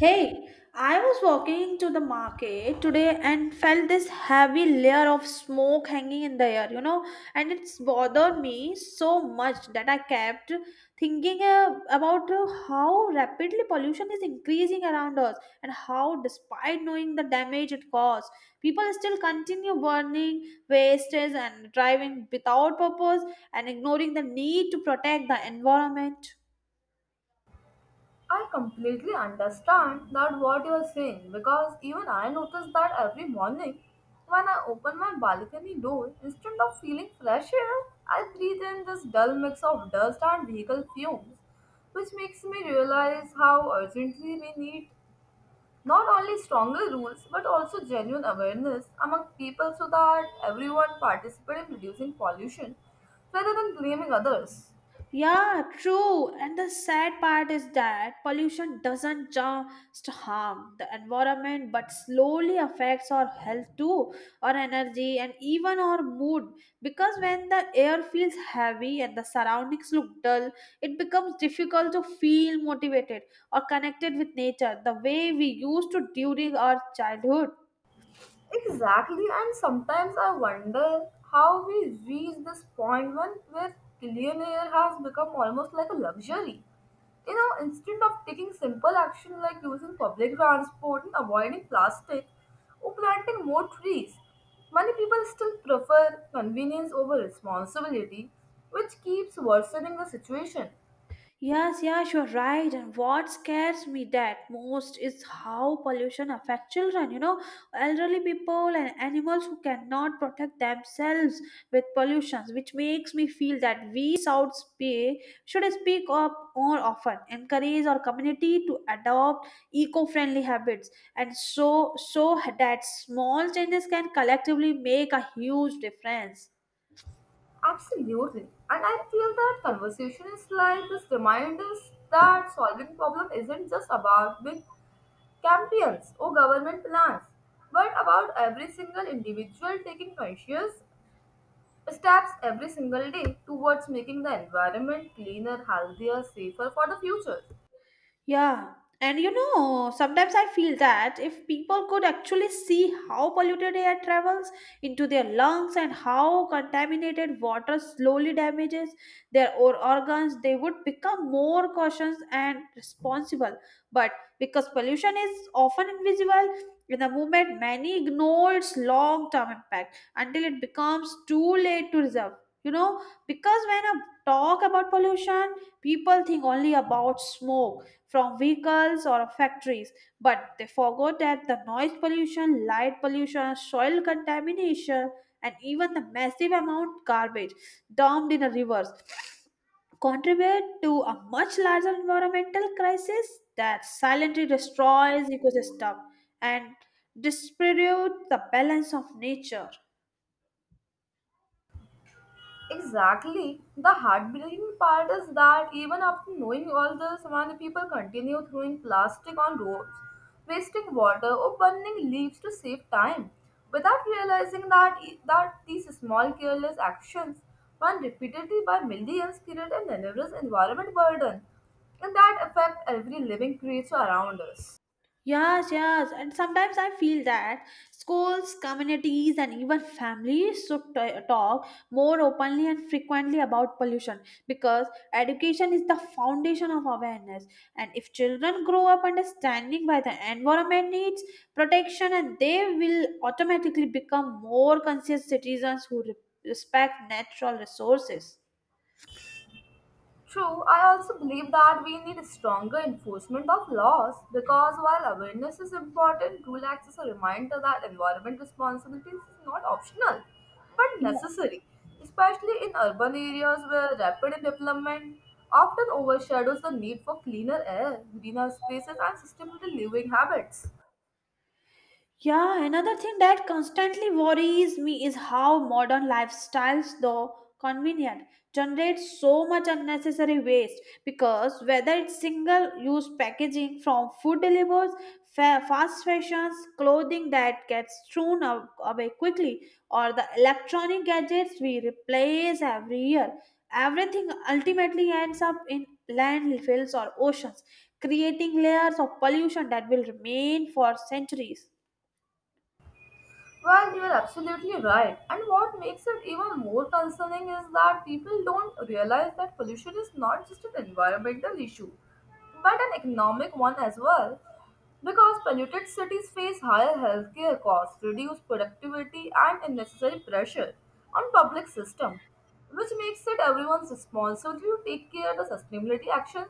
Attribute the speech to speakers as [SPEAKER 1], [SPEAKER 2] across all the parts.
[SPEAKER 1] Hey, I was walking to the market today and felt this heavy layer of smoke hanging in the air, and it's bothered me so much that I kept thinking about how rapidly pollution is increasing around us and how, despite knowing the damage it caused, people still continue burning wastes and driving without purpose and ignoring the need to protect the environment.
[SPEAKER 2] I completely understand that what you are saying because even I notice that every morning when I open my balcony door, instead of feeling fresh air, I breathe in this dull mix of dust and vehicle fumes, which makes me realize how urgently we need not only stronger rules but also genuine awareness among people so that everyone participates in reducing pollution rather than blaming others.
[SPEAKER 1] Yeah, true. And the sad part is that pollution doesn't just harm the environment but slowly affects our health too, our energy, and even our mood. Because when the air feels heavy and the surroundings look dull, it becomes difficult to feel motivated or connected with nature the way we used to during our childhood.
[SPEAKER 2] Exactly, and sometimes I wonder how we reach this point when where billionaire has become almost like a luxury. You know, instead of taking simple action like using public transport and avoiding plastic or planting more trees, many people still prefer convenience over responsibility, which keeps worsening the situation.
[SPEAKER 1] Yes, you're right. And what scares me that most is how pollution affects children, elderly people and animals who cannot protect themselves with pollutions, which makes me feel that we should speak up more often, encourage our community to adopt eco-friendly habits, and so that small changes can collectively make a huge difference.
[SPEAKER 2] Absolutely. And I feel that conversation is like this reminders that solving problem isn't just about big campaigns or government plans. But about every single individual taking conscious steps every single day towards making the environment cleaner, healthier, safer for the future.
[SPEAKER 1] Yeah, and you know, sometimes I feel that if people could actually see how polluted air travels into their lungs and how contaminated water slowly damages their organs, they would become more cautious and responsible. But because pollution is often invisible in the movement, many ignore its long term impact until it becomes too late to resolve. You know, because when I talk about pollution, people think only about smoke from vehicles or factories, but they forgot that the noise pollution, light pollution, soil contamination, and even the massive amount garbage dumped in the rivers contribute to a much larger environmental crisis that silently destroys ecosystem and distributes the balance of nature.
[SPEAKER 2] Exactly. The heartbreaking part is that even after knowing all this, many people continue throwing plastic on roads, wasting water, or burning leaves to save time, without realizing that these small careless actions, when repeatedly by millions, create an enormous environment burden, and that affect every living creature around us.
[SPEAKER 1] Yes. And sometimes I feel that schools, communities, and even families should talk more openly and frequently about pollution because education is the foundation of awareness. And if children grow up understanding why the environment needs protection, and they will automatically become more conscious citizens who respect natural resources.
[SPEAKER 2] True, I also believe that we need stronger enforcement of laws because while awareness is important, rule acts as a reminder that environment responsibilities is not optional but necessary, especially in urban areas where rapid development often overshadows the need for cleaner air, greener spaces, and sustainable living habits.
[SPEAKER 1] Yeah, another thing that constantly worries me is how modern lifestyles, though convenient, generate so much unnecessary waste because whether it's single use packaging from food deliveries, fast fashions, clothing that gets thrown away quickly, or the electronic gadgets we replace every year, everything ultimately ends up in landfills or oceans, creating layers of pollution that will remain for centuries.
[SPEAKER 2] Well, you are absolutely right. And what makes it even more concerning is that people don't realize that pollution is not just an environmental issue, but an economic one as well. Because polluted cities face higher healthcare costs, reduced productivity, and unnecessary pressure on public system, which makes it everyone's responsibility to take care of the sustainability actions,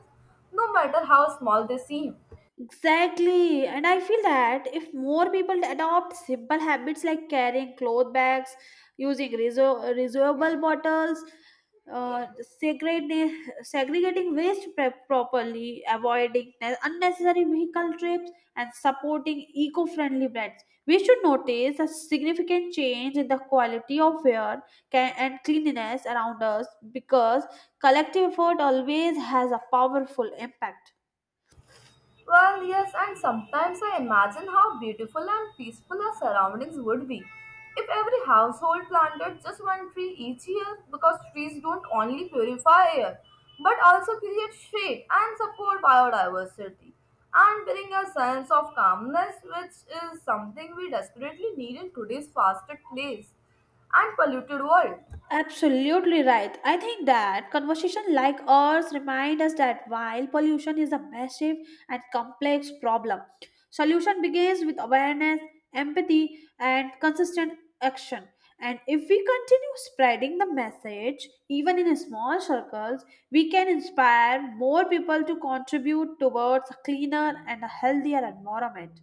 [SPEAKER 2] no matter how small they seem.
[SPEAKER 1] Exactly. And I feel that if more people adopt simple habits like carrying cloth bags, using reusable bottles, uh, segregating, segregating waste prep properly, avoiding unnecessary vehicle trips, and supporting eco friendly brands, we should notice a significant change in the quality of air and cleanliness around us because collective effort always has a powerful impact.
[SPEAKER 2] Well, yes, and sometimes I imagine how beautiful and peaceful our surroundings would be if every household planted just one tree each year because trees don't only purify air but also create shade and support biodiversity and bring a sense of calmness, which is something we desperately need in today's faster place and polluted world.
[SPEAKER 1] Absolutely right. I think that conversation like ours remind us that while pollution is a massive and complex problem, solution begins with awareness, empathy, and consistent action. And if we continue spreading the message, even in small circles, we can inspire more people to contribute towards a cleaner and a healthier environment.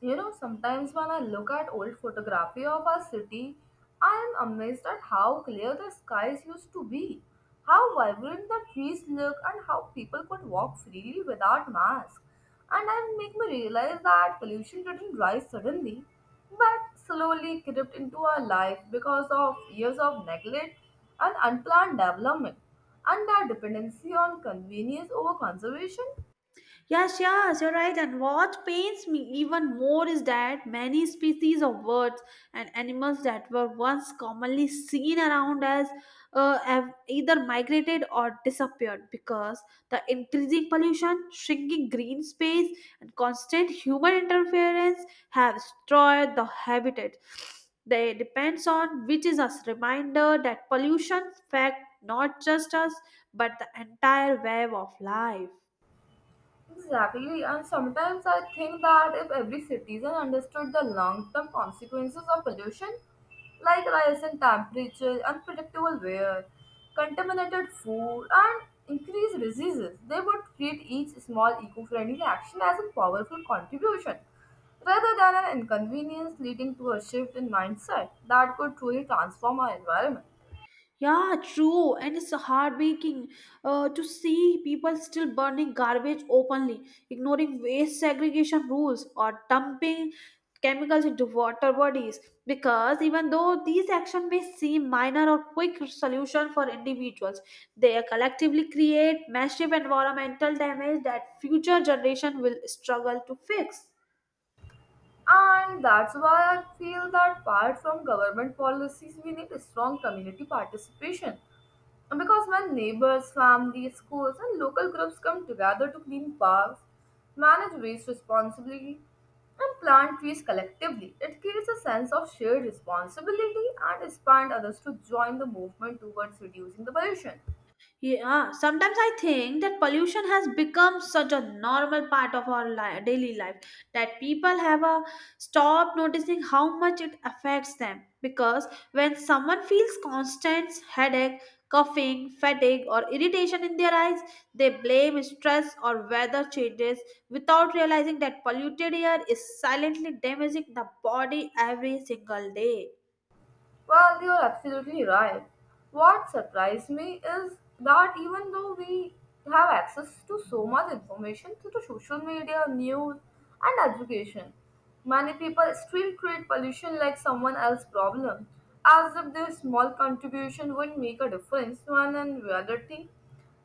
[SPEAKER 2] You know, sometimes when I look at old photography of our city, I am amazed at how clear the skies used to be, how vibrant the trees look, and how people could walk freely without masks. And I make me realize that pollution didn't rise suddenly, but slowly crept into our life because of years of neglect and unplanned development, and our dependency on convenience over conservation.
[SPEAKER 1] Yes, you're right. And what pains me even more is that many species of birds and animals that were once commonly seen around us have either migrated or disappeared because the increasing pollution, shrinking green space, and constant human interference have destroyed the habitat. They depends on which is a reminder that pollution affects not just us but the entire web of life.
[SPEAKER 2] Exactly, and sometimes I think that if every citizen understood the long term consequences of pollution, like rising temperature, unpredictable weather, contaminated food, and increased diseases, they would treat each small eco friendly action as a powerful contribution rather than an inconvenience leading to a shift in mindset that could truly transform our environment.
[SPEAKER 1] Yeah, true. And it's heartbreaking to see people still burning garbage openly, ignoring waste segregation rules, or dumping chemicals into water bodies. Because even though these actions may seem minor or quick solution for individuals, they collectively create massive environmental damage that future generation will struggle to fix.
[SPEAKER 2] And that's why I feel that apart from government policies, we need strong community participation. Because when neighbors, families, schools, and local groups come together to clean parks, manage waste responsibly, and plant trees collectively, it creates a sense of shared responsibility and inspires others to join the movement towards reducing the pollution.
[SPEAKER 1] Yeah, sometimes I think that pollution has become such a normal part of our daily life that people have a stop noticing how much it affects them. Because when someone feels constant headache, coughing, fatigue, or irritation in their eyes, they blame stress or weather changes without realizing that polluted air is silently damaging the body every single day.
[SPEAKER 2] Well, you're absolutely right. What surprised me is that even though we have access to so much information through the social media, news, and education, many people still treat pollution like someone else's problem, as if their small contribution would make a difference when in reality,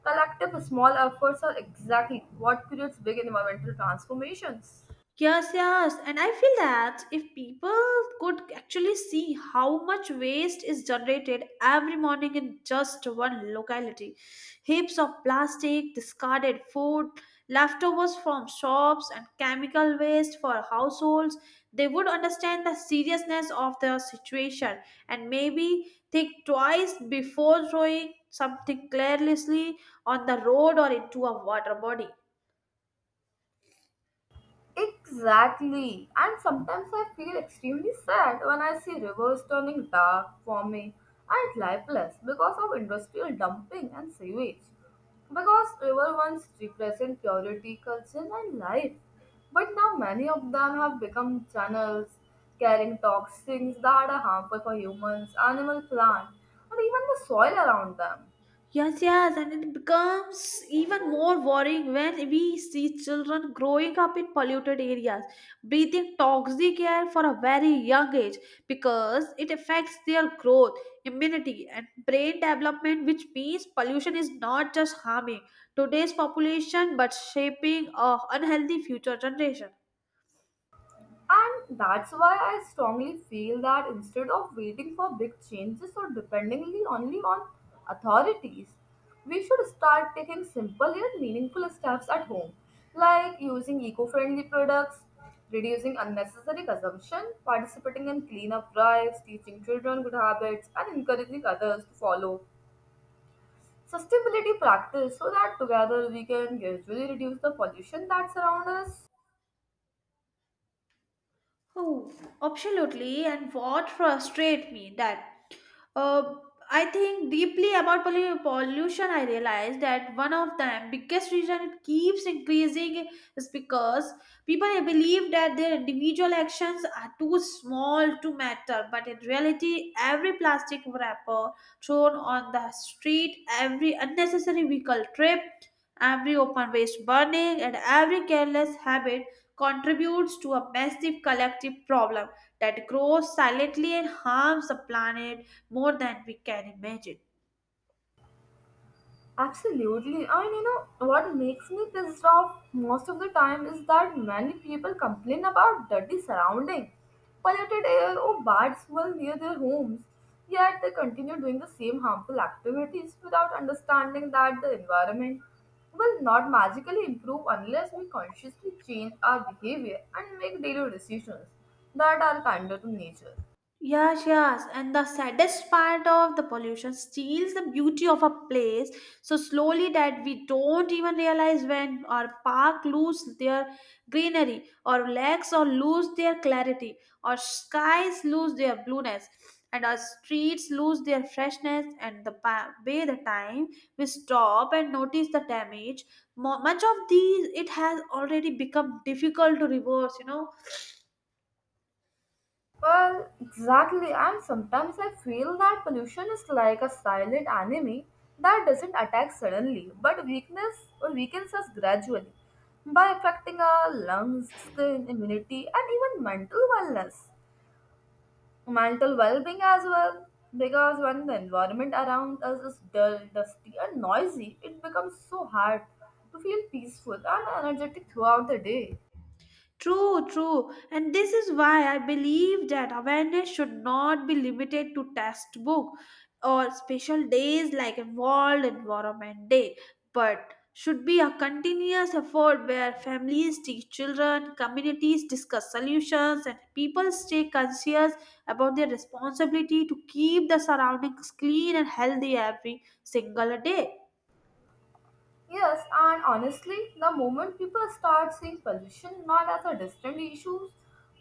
[SPEAKER 2] collective small efforts are exactly what creates big environmental transformations.
[SPEAKER 1] Yes. And I feel that if people could actually see how much waste is generated every morning in just one locality heaps of plastic, discarded food, leftovers from shops, and chemical waste for households, they would understand the seriousness of their situation and maybe think twice before throwing something carelessly on the road or into a water body.
[SPEAKER 2] Exactly. And sometimes I feel extremely sad when I see rivers turning dark, forming, and lifeless because of industrial dumping and sewage. Because river once represent purity, culture, and life, but now many of them have become channels carrying toxins that are harmful for humans, animal, plant, and even the soil around them.
[SPEAKER 1] Yes, yes, and it becomes even more worrying when we see children growing up in polluted areas, breathing toxic air for a very young age because it affects their growth, immunity, and brain development, which means pollution is not just harming today's population but shaping a unhealthy future generation.
[SPEAKER 2] And that's why I strongly feel that instead of waiting for big changes or depending only on authorities, we should start taking simple yet meaningful steps at home, like using eco friendly products, reducing unnecessary consumption, participating in cleanup drives, teaching children good habits, and encouraging others to follow sustainability practice so that together we can gradually reduce the pollution that surrounds us.
[SPEAKER 1] Oh, absolutely. And what frustrates me that uh, I think deeply about pollution, I realized that one of the biggest reason it keeps increasing is because people believe that their individual actions are too small to matter. But in reality, every plastic wrapper thrown on the street, every unnecessary vehicle trip, every open waste burning, and every careless habit contributes to a massive collective problem that grows silently and harms the planet more than we can imagine.
[SPEAKER 2] Absolutely. And you know what makes me pissed off most of the time is that many people complain about dirty surrounding, polluted air or bad smell near their homes. Yet they continue doing the same harmful activities without understanding that the environment will not magically improve unless we consciously change our behavior and make daily decisions that are kinder to nature.
[SPEAKER 1] Yes. And the saddest part of the pollution steals the beauty of a place so slowly that we don't even realize when our park lose their greenery, or lakes or lose their clarity, or skies lose their blueness, and our streets lose their freshness. And the by the time we stop and notice the damage, much of these it has already become difficult to reverse. You know,
[SPEAKER 2] Well, exactly, and sometimes I feel that pollution is like a silent enemy that doesn't attack suddenly, but weakness or weakens us gradually by affecting our lungs, skin, immunity, and even mental wellness, mental well-being as well. Because when the environment around us is dull, dusty, and noisy, it becomes so hard to feel peaceful and energetic throughout the day.
[SPEAKER 1] true, true. And this is why I believe that awareness should not be limited to textbook or special days like World Environment Day, but should be a continuous effort where families teach children, communities discuss solutions, and people stay conscious about their responsibility to keep the surroundings clean and healthy every single day.
[SPEAKER 2] Yes, and honestly, the moment people start seeing pollution not as a distant issue,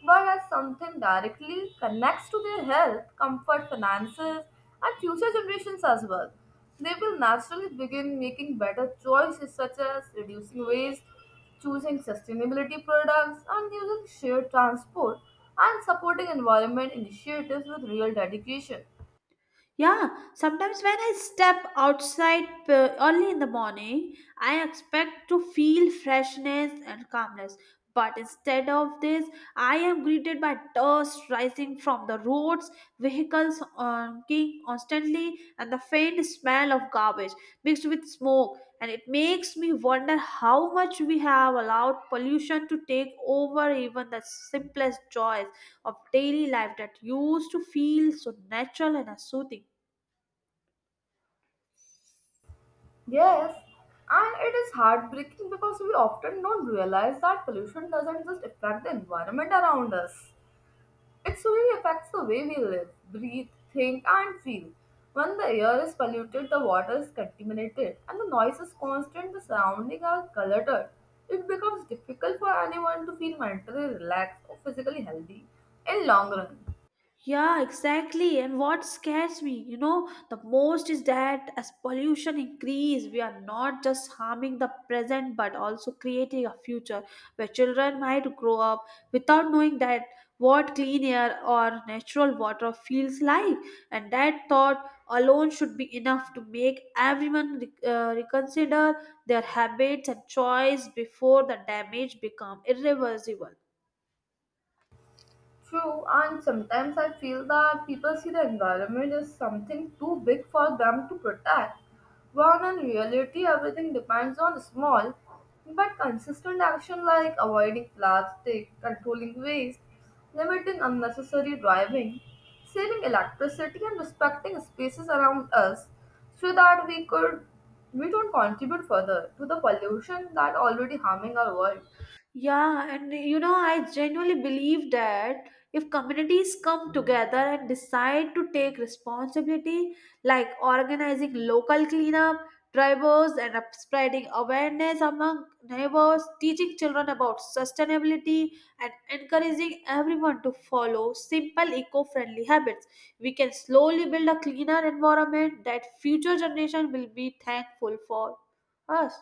[SPEAKER 2] but as something directly connects to their health, comfort, finances, and future generations as well, they will naturally begin making better choices such as reducing waste, choosing sustainability products, and using shared transport, and supporting environment initiatives with real dedication.
[SPEAKER 1] Yeah, sometimes when I step outside early in the morning, I expect to feel freshness and calmness. But instead of this, I am greeted by dust rising from the roads, vehicles honking constantly, and the faint smell of garbage mixed with smoke. And it makes me wonder how much we have allowed pollution to take over even the simplest joys of daily life that used to feel so natural and soothing.
[SPEAKER 2] Yes, and it is heartbreaking because we often don't realize that pollution doesn't just affect the environment around us. It slowly affects the way we live, breathe, think, and feel. When the air is polluted, the water is contaminated, and the noise is constant, the surroundings are cluttered. It becomes difficult for anyone to feel mentally relaxed or physically healthy in long run.
[SPEAKER 1] Yeah, exactly. And what scares me, you know, the most is that as pollution increase, we are not just harming the present but also creating a future where children might grow up without knowing that what clean air or natural water feels like. And that thought alone should be enough to make everyone reconsider their habits and choice before the damage become irreversible.
[SPEAKER 2] True, and sometimes I feel that people see the environment as something too big for them to protect, when in reality everything depends on small but consistent action like avoiding plastic, controlling waste, limiting unnecessary driving, saving electricity, and respecting spaces around us so that we don't contribute further to the pollution that already harming our world.
[SPEAKER 1] Yeah, and you know, I genuinely believe that if communities come together and decide to take responsibility, like organizing local cleanup, drivers, and spreading awareness among neighbors, teaching children about sustainability, and encouraging everyone to follow simple eco friendly habits, we can slowly build a cleaner environment that future generation will be thankful for us.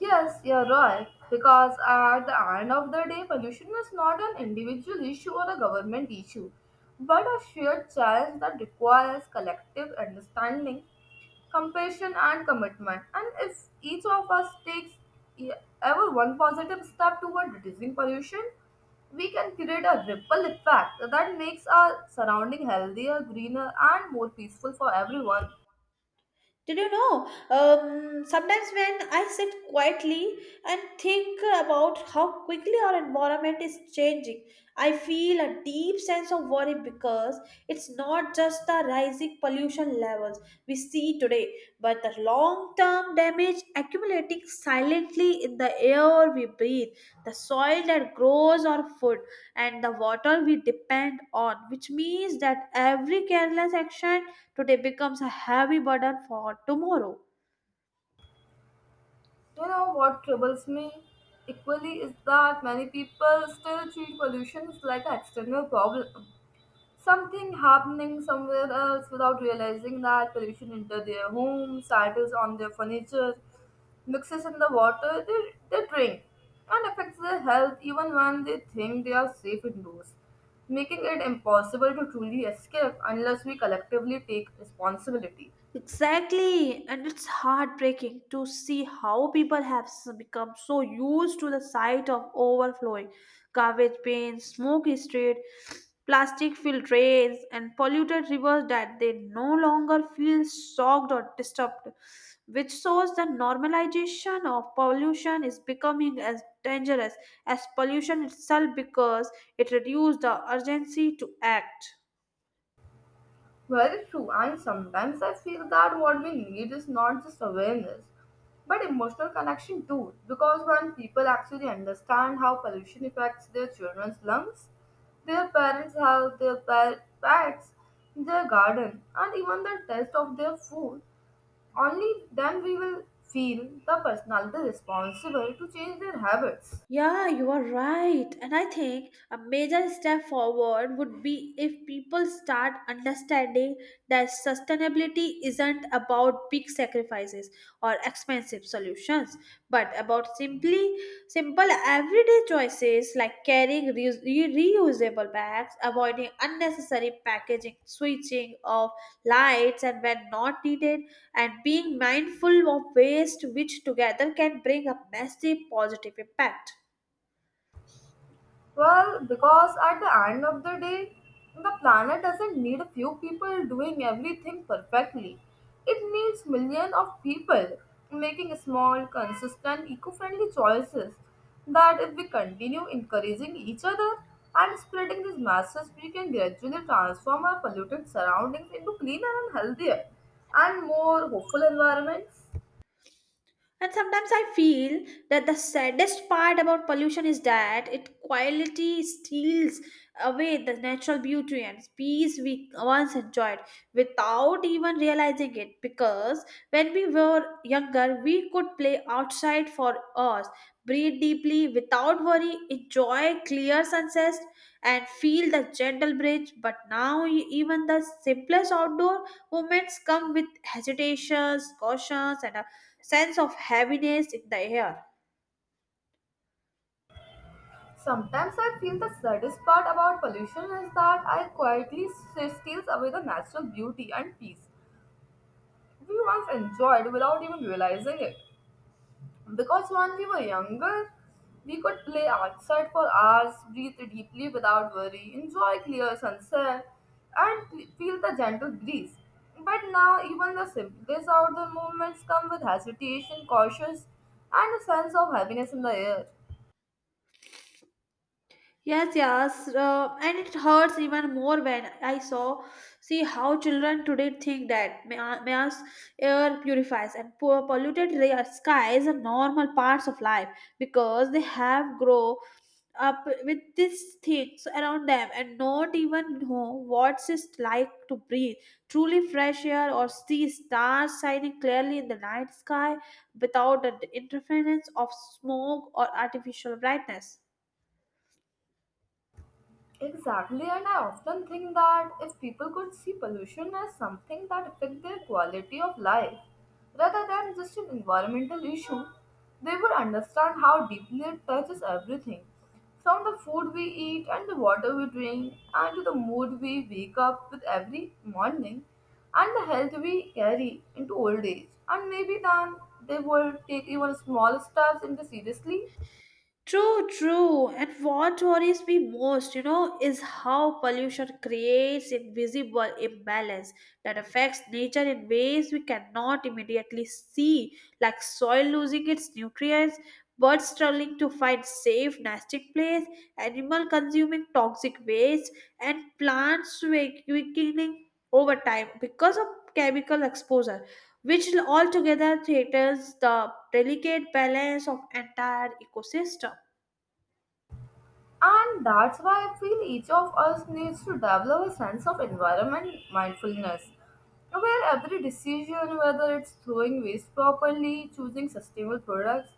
[SPEAKER 2] Yes, you're right. Because at the end of the day, pollution is not an individual issue or a government issue, but a shared challenge that requires collective understanding, compassion, and commitment. And if each of us takes e- ever one positive step toward reducing pollution, we can create a ripple effect that makes our surrounding healthier, greener, and more peaceful for everyone.
[SPEAKER 1] Did you know? Sometimes when I sit quietly and think about how quickly our environment is changing, I feel a deep sense of worry because it's not just the rising pollution levels we see today, but the long term damage accumulating silently in the air we breathe, the soil that grows our food, and the water we depend on, which means that every careless action today becomes a heavy burden for tomorrow.
[SPEAKER 2] You know what troubles me equally is that many people still treat pollution as like an external problem. Something happening somewhere else without realizing that pollution into their homes, titles on their furniture, mixes in the water they drink, and affects their health even when they think they are safe indoors, making it impossible to truly escape unless we collectively take responsibility.
[SPEAKER 1] Exactly, and it's heartbreaking to see how people have become so used to the sight of overflowing garbage bins, smoky street, plastic filled drains, and polluted rivers that they no longer feel shocked or disturbed, which shows that normalization of pollution is becoming as dangerous as pollution itself because it reduces the urgency to act.
[SPEAKER 2] Very true, and sometimes I feel that what we need is not just awareness but emotional connection too. Because when people actually understand how pollution affects their children's lungs, their parents' health, pets, their garden, and even the taste of their food, only then we will feel the personality responsible to change their habits.
[SPEAKER 1] Yeah, you are right. And I think a major step forward would be if people start understanding that sustainability isn't about big sacrifices or expensive solutions, but about simply simple everyday choices like carrying reusable bags, avoiding unnecessary packaging, switching off lights and when not needed, and being mindful of waste which together can bring a massive positive impact.
[SPEAKER 2] Well, because at the end of the day, the planet doesn't need a few people doing everything perfectly. It needs millions of people making small, consistent, eco friendly choices. That if we continue encouraging each other and spreading this message, we can gradually transform our polluted surroundings into cleaner and healthier and more hopeful environments.
[SPEAKER 1] And sometimes I feel that the saddest part about pollution is that it quietly steals away the natural beauty and peace we once enjoyed without even realizing it. Because when we were younger, we could play outside for hours, breathe deeply without worry, enjoy clear sunsets, and feel the gentle breeze. But now, even the simplest outdoor movements come with hesitations, cautions, and a sense of heaviness in the air.
[SPEAKER 2] Sometimes I feel the saddest part about pollution is that steals away the natural beauty and peace we once enjoyed without even realizing it. Because when we were younger, we could play outside for hours, breathe deeply without worry, enjoy clear sunset, and feel the gentle breeze. But now, even the simplest outdoor movements come with hesitation, caution, and a sense of heaviness in the air.
[SPEAKER 1] Yes, yes, and it hurts even more when I saw see how children today think that mass air purifies and poor polluted skies are normal parts of life because they have grow up with these things around them and not even know what it's like to breathe truly fresh air or see stars shining clearly in the night sky without the interference of smoke or artificial brightness.
[SPEAKER 2] Exactly, and I often think that if people could see pollution as something that affects their quality of life rather than just an environmental issue, they would understand how deeply it touches everything from the food we eat and the water we drink, and to the mood we wake up with every morning, and the health we carry into old age. And maybe then they would take even small steps into seriously.
[SPEAKER 1] True, true. And what worries me most, you know, is how pollution creates invisible imbalance that affects nature in ways we cannot immediately see, like soil losing its nutrients, birds struggling to find safe nesting place, animal consuming toxic waste, and plants weakening over time because of chemical exposure, which altogether threatens the delicate balance of entire ecosystem.
[SPEAKER 2] And that's why I feel each of us needs to develop a sense of environment mindfulness, where every decision, whether it's throwing waste properly, choosing sustainable products,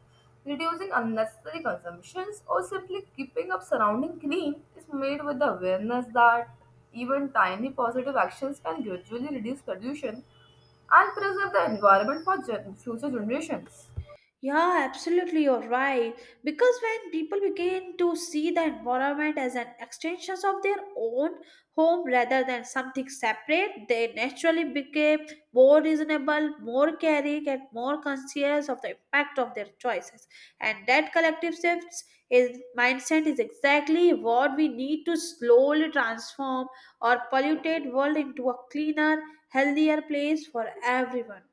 [SPEAKER 2] reducing unnecessary consumptions, or simply keeping up surrounding clean, is made with the awareness that even tiny positive actions can gradually reduce pollution and preserve the environment for future generations.
[SPEAKER 1] Yeah, absolutely, you're right. Because when people begin to see the environment as an extension of their own home rather than something separate, they naturally become more reasonable, more caring, and more conscious of the impact of their choices. And that collective shift is mindset is exactly what we need to slowly transform our polluted world into a cleaner, healthier place for everyone.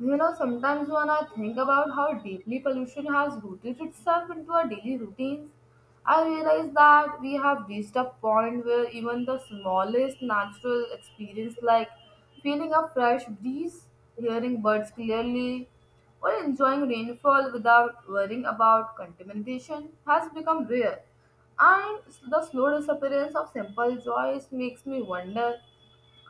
[SPEAKER 2] You know, sometimes when I think about how deeply pollution has rooted itself into our daily routines, I realize that we have reached a point where even the smallest natural experience, like feeling a fresh breeze, hearing birds clearly, or enjoying rainfall without worrying about contamination, has become rare. And the slow disappearance of simple joys makes me wonder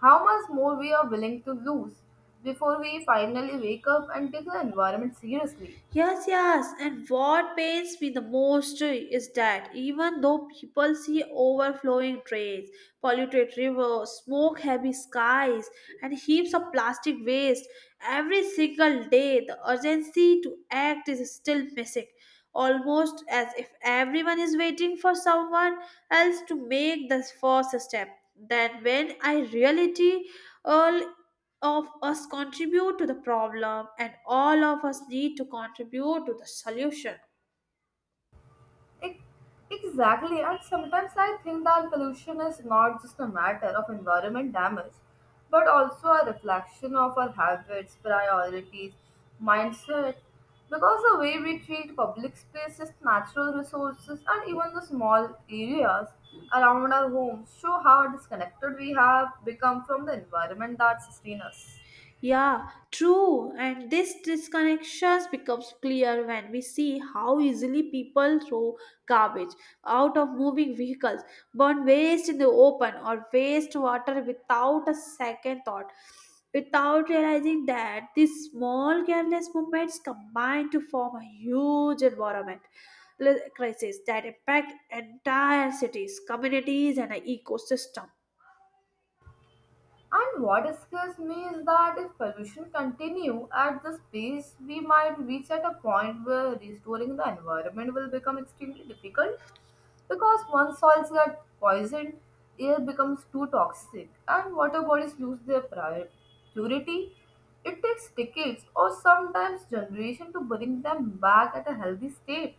[SPEAKER 2] how much more we are willing to lose before we finally wake up and take the environment seriously.
[SPEAKER 1] Yes, yes. And what pains me the most is that even though people see overflowing drains, polluted rivers, smoke heavy skies, and heaps of plastic waste every single day, the urgency to act is still missing. Almost as if everyone is waiting for someone else to make the first step. Then, when I reality all of us contribute to the problem and all of us need to contribute to the solution.
[SPEAKER 2] Ex- Exactly, and sometimes I think that pollution is not just a matter of environment damage, but also a reflection of our habits, priorities, mindset. Because the way we treat public spaces, natural resources, and even the small areas around our homes show how disconnected we have become from the environment that sustains us.
[SPEAKER 1] Yeah, true. And this disconnection becomes clear when we see how easily people throw garbage out of moving vehicles, burn waste in the open, or waste water without a second thought. Without realizing that these small careless movements combine to form a huge environment crisis that impact entire cities, communities, and an ecosystem.
[SPEAKER 2] And what scares me is that if pollution continue at this pace, we might reach at a point where restoring the environment will become extremely difficult because once soils get poisoned, air becomes too toxic and water bodies lose their purity. It takes decades or sometimes generations to bring them back at a healthy state.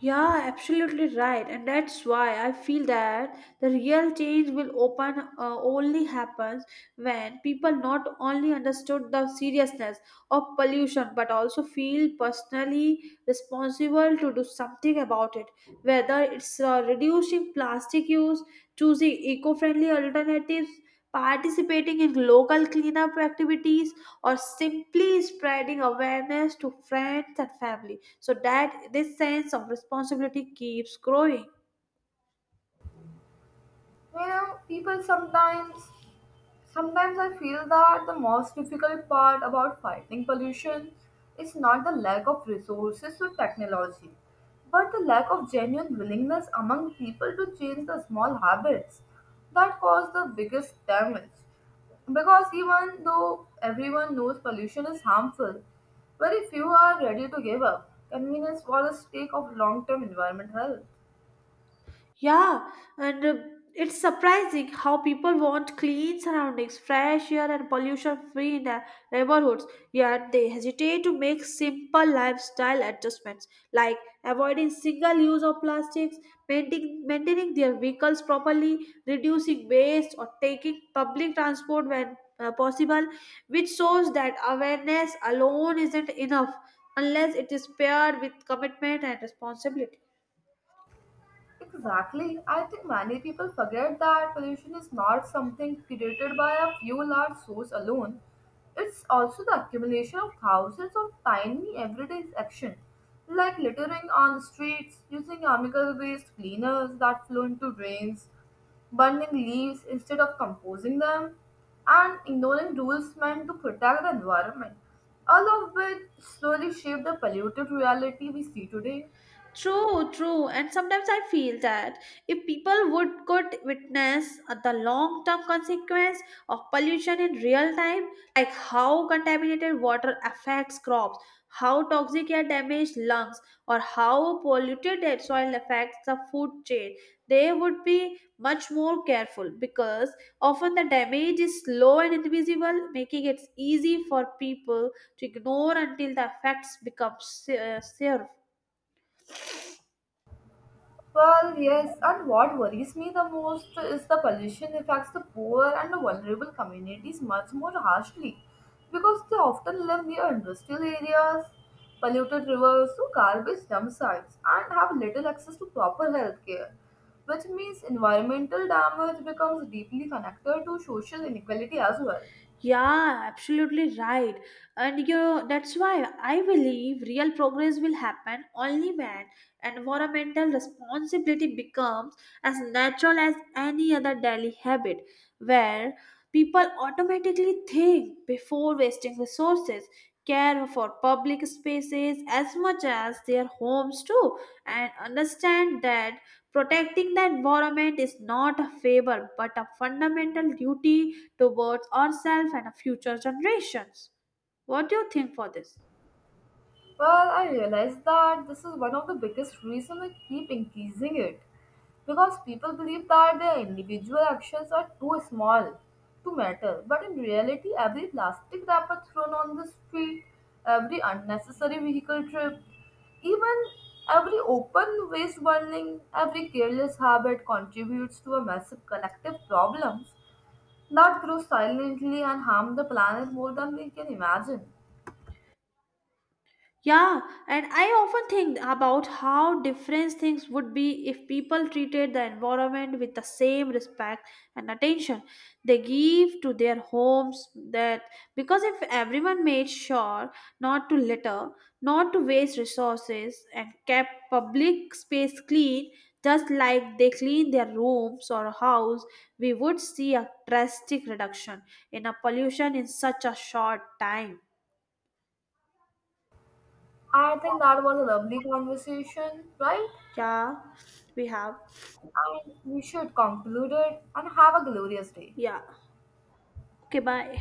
[SPEAKER 1] Yeah, absolutely right. And that's why I feel that the real change will open only happens when people not only understood the seriousness of pollution but also feel personally responsible to do something about it. Whether it's reducing plastic use, choosing eco-friendly alternatives, participating in local cleanup activities or simply spreading awareness to friends and family so that this sense of responsibility keeps growing.
[SPEAKER 2] You know, people sometimes Sometimes I feel that the most difficult part about fighting pollution is not the lack of resources or technology, but the lack of genuine willingness among people to change the small habits that cause the biggest damage. Because even though everyone knows pollution is harmful, very few are ready to give up. Convenience for the sake of long term environment health.
[SPEAKER 1] Yeah, and it's surprising how people want clean surroundings, fresh air, and pollution free in their neighborhoods, yet they hesitate to make simple lifestyle adjustments like avoiding single use of plastics, maintaining their vehicles properly, reducing waste, or taking public transport when possible, which shows that awareness alone isn't enough unless it is paired with commitment and responsibility.
[SPEAKER 2] Exactly. I think many people forget that pollution is not something created by a few large sources alone. It's also the accumulation of thousands of tiny everyday actions, like littering on the streets, using chemical waste cleaners that flow into drains, burning leaves instead of composing them, and ignoring rules meant to protect the environment, all of which slowly shape the polluted reality we see today.
[SPEAKER 1] True, true. And sometimes I feel that if people would could witness the long-term consequence of pollution in real time, like how contaminated water affects crops, how toxic air damages lungs, or how polluted air soil affects the food chain, they would be much more careful because often the damage is slow and invisible, making it easy for people to ignore until the effects become severe.
[SPEAKER 2] Well, yes, and what worries me the most is the pollution affects the poor and the vulnerable communities much more harshly because they often live near industrial areas, polluted rivers, or garbage dump sites, and have little access to proper health care, which means environmental damage becomes deeply connected to social inequality as well.
[SPEAKER 1] Yeah, absolutely right. And you know, that's why I believe real progress will happen only when environmental responsibility becomes as natural as any other daily habit, where people automatically think before wasting resources care for public spaces as much as their homes too and understand that protecting the environment is not a favor but a fundamental duty towards ourselves and our future generations. What do you think for this?
[SPEAKER 2] Well, I realized that this is one of the biggest reasons I keep increasing it. Because people believe that their individual actions are too small to matter. But in reality, every plastic wrapper thrown on the street, every unnecessary vehicle trip, even every open waste burning, every careless habit contributes to a massive collective problems that grow silently and harm the planet more than we can imagine.
[SPEAKER 1] Yeah, and I often think about how different things would be if people treated the environment with the same respect and attention they give to their homes that because if everyone made sure not to litter, not to waste resources and kept public space clean just like they clean their rooms or house, we would see a drastic reduction in a pollution in such a short time.
[SPEAKER 2] I think that was a lovely conversation, right?
[SPEAKER 1] Yeah, we have.
[SPEAKER 2] And we should conclude it and have a glorious day.
[SPEAKER 1] Yeah. Okay, bye.